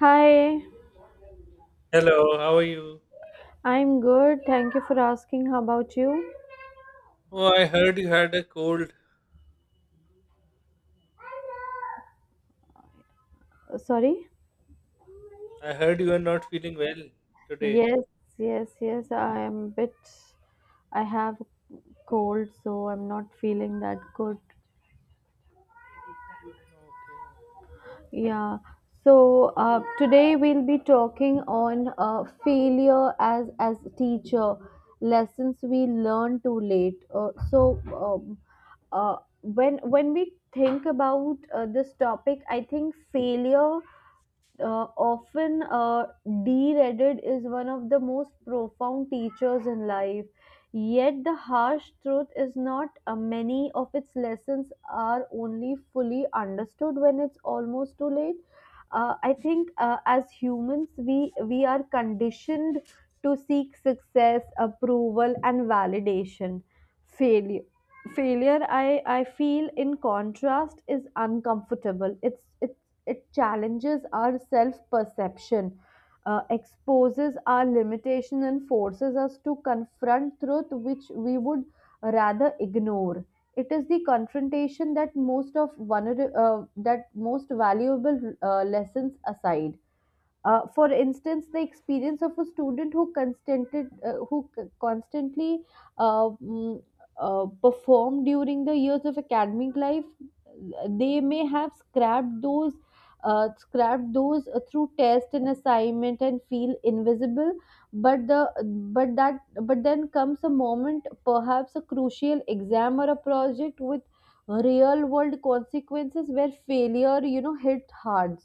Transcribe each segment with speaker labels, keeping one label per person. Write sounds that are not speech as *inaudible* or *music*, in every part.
Speaker 1: Hi,
Speaker 2: Hello, how are you?
Speaker 1: I'm good. Thank you for asking. How about you?
Speaker 2: Oh, I heard you had a cold.
Speaker 1: Sorry?
Speaker 2: I heard you are not feeling well today.
Speaker 1: Yes, yes, yes. I am I have cold, so I'm not feeling that good.
Speaker 2: Okay.
Speaker 1: Yeah. So today we'll be talking on failure as teacher lessons we learn too late. When we think about this topic, I think failure often derided is one of the most profound teachers in life. Yet the harsh truth is not many of its lessons are only fully understood when it's almost too late. I think as humans, we are conditioned to seek success, approval, and validation. Failure failure, I feel, in contrast, is uncomfortable. It challenges our self perception, exposes our limitations, and forces us to confront truth which we would rather ignore. It is the confrontation that that most valuable lessons aside. For instance, the experience of a student who constantly uh, mm, performed during the years of academic life, they may have scrapped those through test and assignment and feel invisible. But the but that but then comes a moment, perhaps a crucial exam or a project with real world consequences where failure hit hard.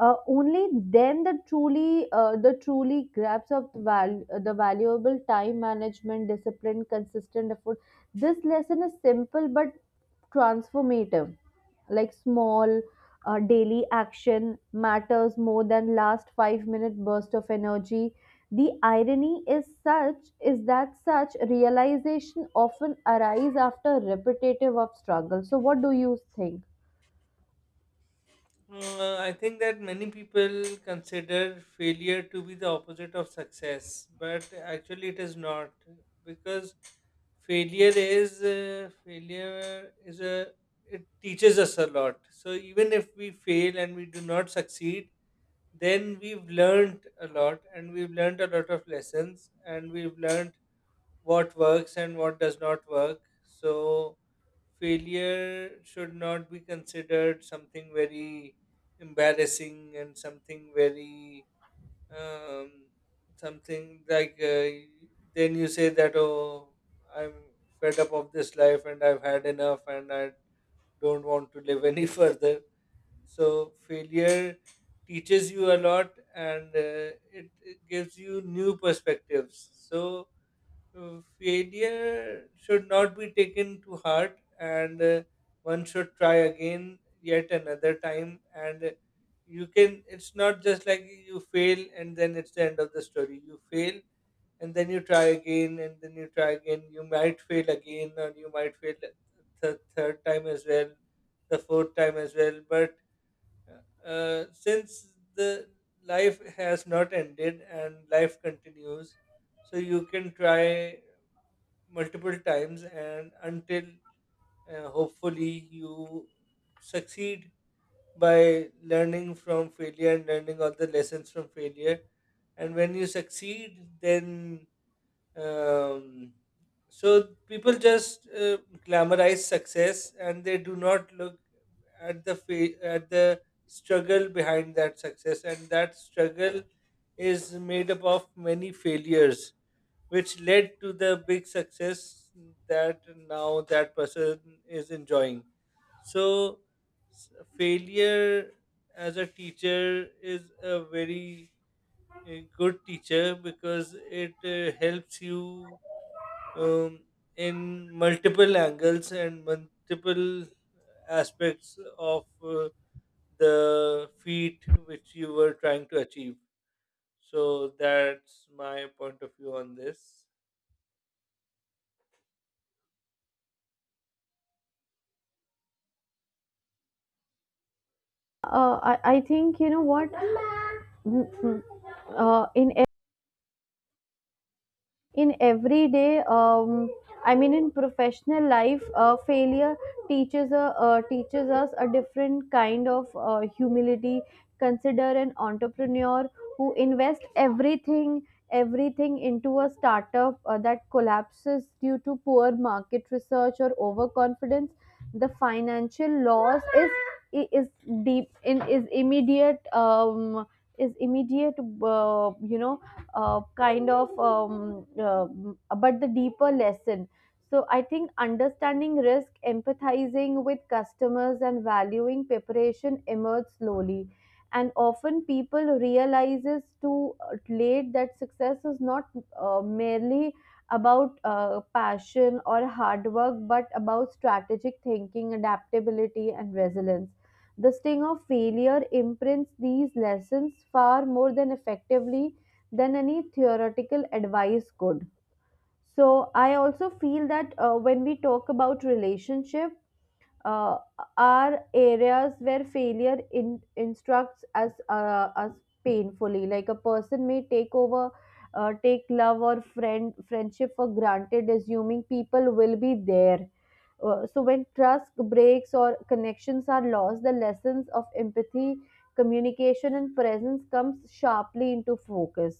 Speaker 1: Only then the truly grabs of the valuable time management discipline consistent effort. This lesson is simple but transformative, like small daily action matters more than last 5-minute minute burst of energy. The irony is such is that such realization often arise after repetitive of struggle. So what do you think?
Speaker 2: I think that many people consider failure to be the opposite of success, but actually it is not because failure is a it teaches us a lot. So even if we fail and we do not succeed, then we've learned a lot and we've learned a lot of lessons and we've learned what works and what does not work. So, failure should not be considered something very embarrassing and something very um, something like then you say that, oh, I'm fed up of this life and I've had enough and I don't want to live any *laughs* further. So failure teaches you a lot, and it gives you new perspectives. So failure should not be taken to heart, and one should try again yet another time, and you can, it's not just like you fail and then it's the end of the story. You fail and then you try again, and then you try again. You might fail again, or you might fail the third time as well, the fourth time as well, but since the life has not ended and life continues, so you can try multiple times and until hopefully you succeed by learning from failure and learning all the lessons from failure. And when you succeed, then um, so people just glamorize success and they do not look at at the struggle behind that success, and that struggle is made up of many failures which led to the big success that now that person is enjoying. So, failure as a teacher is a very good teacher because it helps you, um, in multiple angles and multiple aspects of the feat which you were trying to achieve. So that's my point of view on this.
Speaker 1: I think you know what. Mm, mm. Uh, in in everyday, I mean in professional life, failure teaches us a different kind of humility. Consider an entrepreneur who invests everything into a startup that collapses due to poor market research or overconfidence. The financial loss is deep in is immediate. Um, is immediate you know kind of but the deeper lesson, so I think, understanding risk, empathizing with customers, and valuing preparation emerge slowly, and often people realizes too late that success is not merely about passion or hard work but about strategic thinking, adaptability, and resilience. The sting of failure imprints these lessons far more than effectively than any theoretical advice could. So I also feel that when we talk about relationship, uh, are areas where failure instructs us painfully. Like a person may take love or friendship for granted, assuming people will be there. So when trust breaks or connections are lost, the lessons of empathy, communication, and presence comes sharply into focus.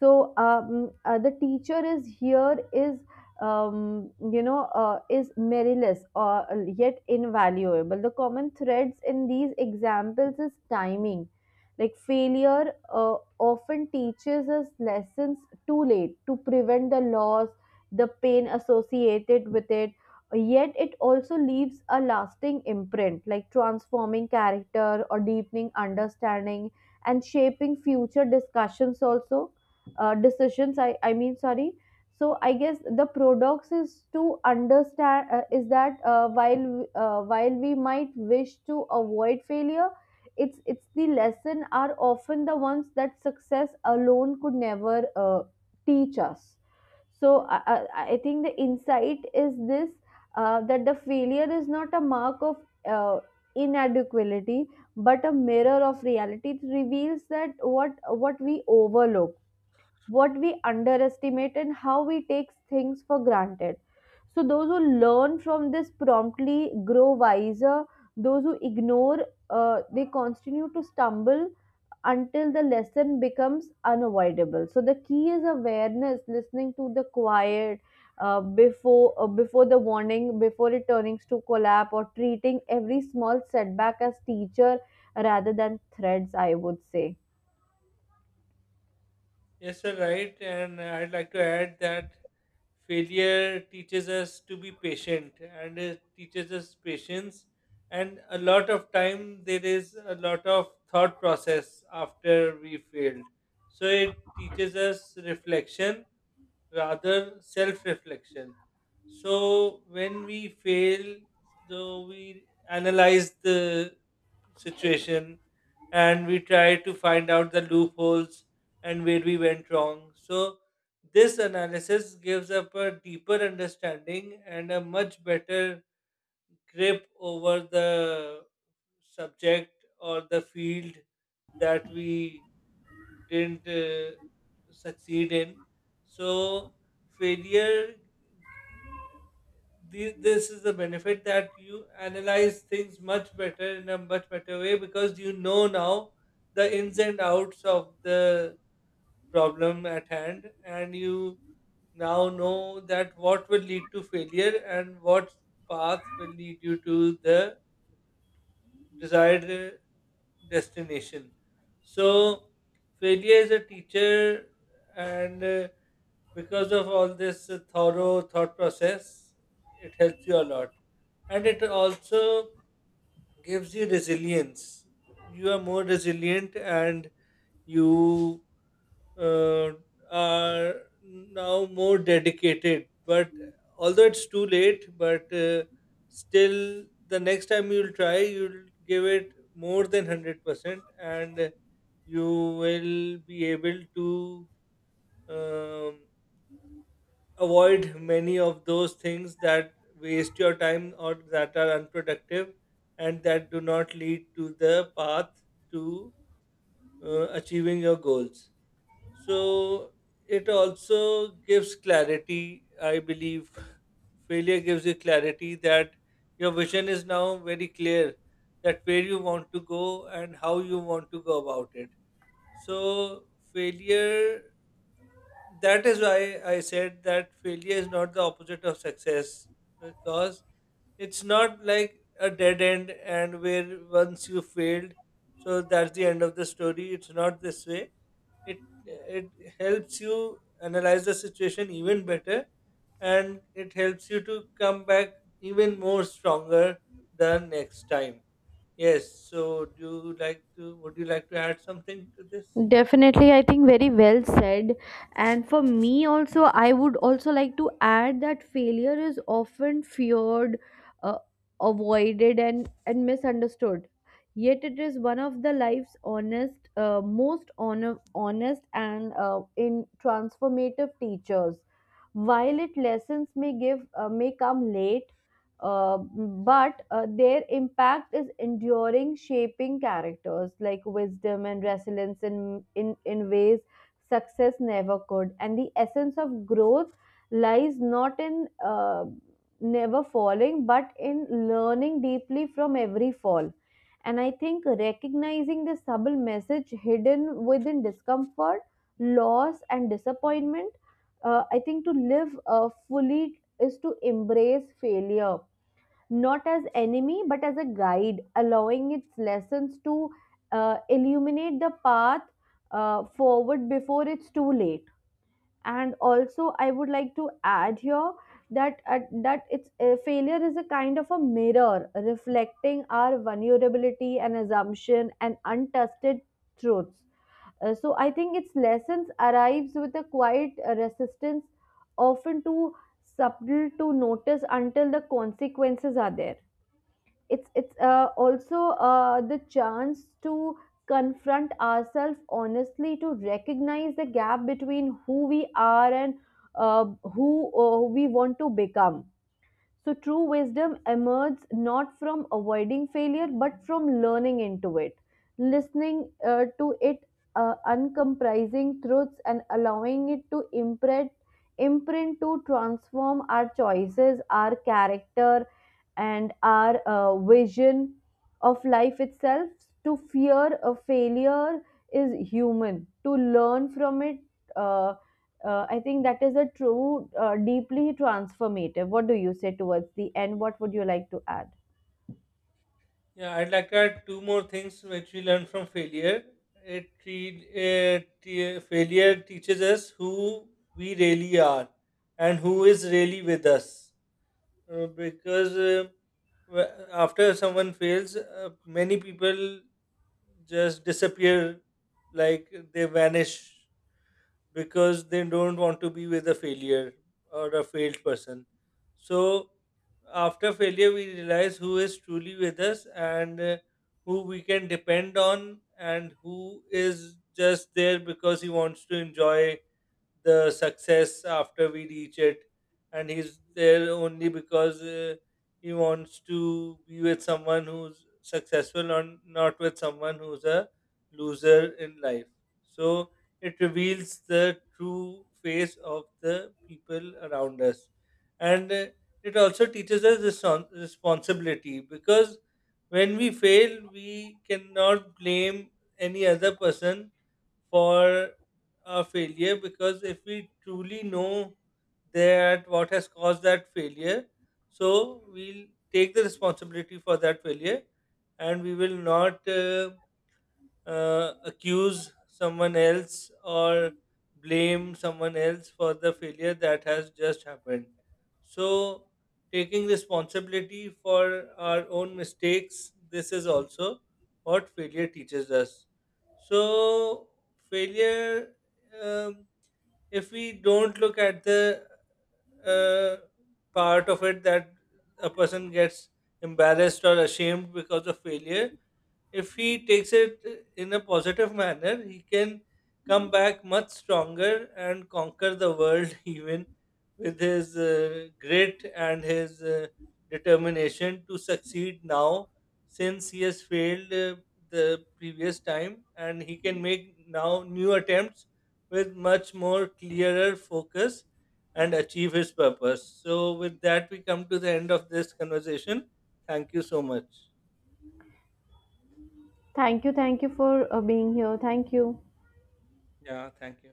Speaker 1: The teacher is here is, is meriless or yet invaluable. The common threads in these examples is timing. Like failure often teaches us lessons too late to prevent the loss, the pain associated with it. Yet it also leaves a lasting imprint, like transforming character or deepening understanding and shaping future discussions also decisions. I mean sorry. So I guess the paradox is to understand is that while we might wish to avoid failure, it's the lesson are often the ones that success alone could never uh, teach us. So I think the insight is this, that the failure is not a mark of uh, inadequacy but a mirror of reality. It reveals that what we overlook, what we underestimate, and how we take things for granted. So those who learn from this promptly grow wiser. Those who ignore, they continue to stumble until the lesson becomes unavoidable. So the key is awareness, listening to the quiet. Before before the warning, before it turns to collapse, or treating every small setback as teacher rather than threats, I would say.
Speaker 2: Yes, sir, right. And I'd like to add that failure teaches us to be patient, and it teaches us patience. And a lot of time there is a lot of thought process after we failed. So it teaches us reflection, rather self reflection. So when we fail, though we analyze the situation and we try to find out the loopholes and where we went wrong. So, this analysis gives up a deeper understanding and a much better grip over the subject or the field that we didn't succeed in. So, failure, this is the benefit that you analyze things much better in a much better way, because you know now the ins and outs of the problem at hand, and you now know that what will lead to failure and what path will lead you to the desired destination. So failure is a teacher, and because of all this thorough thought process, it helps you a lot. And it also gives you resilience. You are more resilient and you uh, are now more dedicated. But although it's too late, but still, the next time you'll try, you'll give it more than 100%, and you will be able to. Um, avoid many of those things that waste your time or that are unproductive and that do not lead to the path to achieving your goals. So it also gives clarity, I believe. Failure gives you clarity that your vision is now very clear, that where you want to go and how you want to go about it. So failure, that is why I said that failure is not the opposite of success, because it's not like a dead end and where once you failed, so that's the end of the story. It's not this way. It helps you analyze the situation even better, and it helps you to come back even more stronger the next time. Yes. So, do you like to? Would you like to add something to this?
Speaker 1: Definitely, I think very well said. And for me also, I would also like to add that failure is often feared, uh, avoided, and misunderstood. Yet it is one of the life's honest, and in transformative teachers. While it lessons may come late, but their impact is enduring, shaping characters like wisdom and resilience in, in ways success never could. And the essence of growth lies not in never falling, but in learning deeply from every fall. And I think, recognizing the subtle message hidden within discomfort, loss, and disappointment, I think to live fully is to embrace failure, not as enemy but as a guide, allowing its lessons to illuminate the path forward before it's too late. And also, I would like to add here that that it's failure is a kind of a mirror reflecting our vulnerability and assumption and untested truths. So I think its lessons arrives with a quiet resistance, often too subtle to notice until the consequences are there. It's also the chance to confront ourselves honestly, to recognize the gap between who we are and who we want to become. So true wisdom emerges not from avoiding failure but from learning into it, listening to it, uncomprising truths, and allowing it to imprint to transform our choices, our character, and our vision of life itself. To fear a failure is human, to learn from it. Uh, I think that is a true, deeply transformative. What do you say towards the end? What would you like to add?
Speaker 2: Yeah, I'd like to add two more things which we learn from failure. Failure teaches us who we really are and who is really with us. Because after someone fails, many people just disappear, like they vanish because they don't want to be with a failure or a failed person. So after failure, we realize who is truly with us, and who we can depend on, and who is just there because he wants to enjoy the success after we reach it, and he's there only because he wants to be with someone who's successful and not with someone who's a loser in life. So it reveals the true face of the people around us, and it also teaches us responsibility, because when we fail we cannot blame any other person for a failure, because if we truly know that what has caused that failure, so we'll take the responsibility for that failure, and we will not accuse someone else or blame someone else for the failure that has just happened. So, taking responsibility for our own mistakes, this is also what failure teaches us. So, failure, um, if we don't look at the uh, part of it that a person gets embarrassed or ashamed because of failure, if he takes it in a positive manner, he can come back much stronger and conquer the world *laughs* even with his grit and his determination to succeed now, since he has failed the previous time, and he can make now new attempts with much more clearer focus and achieve his purpose. So with that we come to the end of this conversation. Thank you so much.
Speaker 1: Thank you. Thank you for being here. Thank you.
Speaker 2: Yeah, thank you.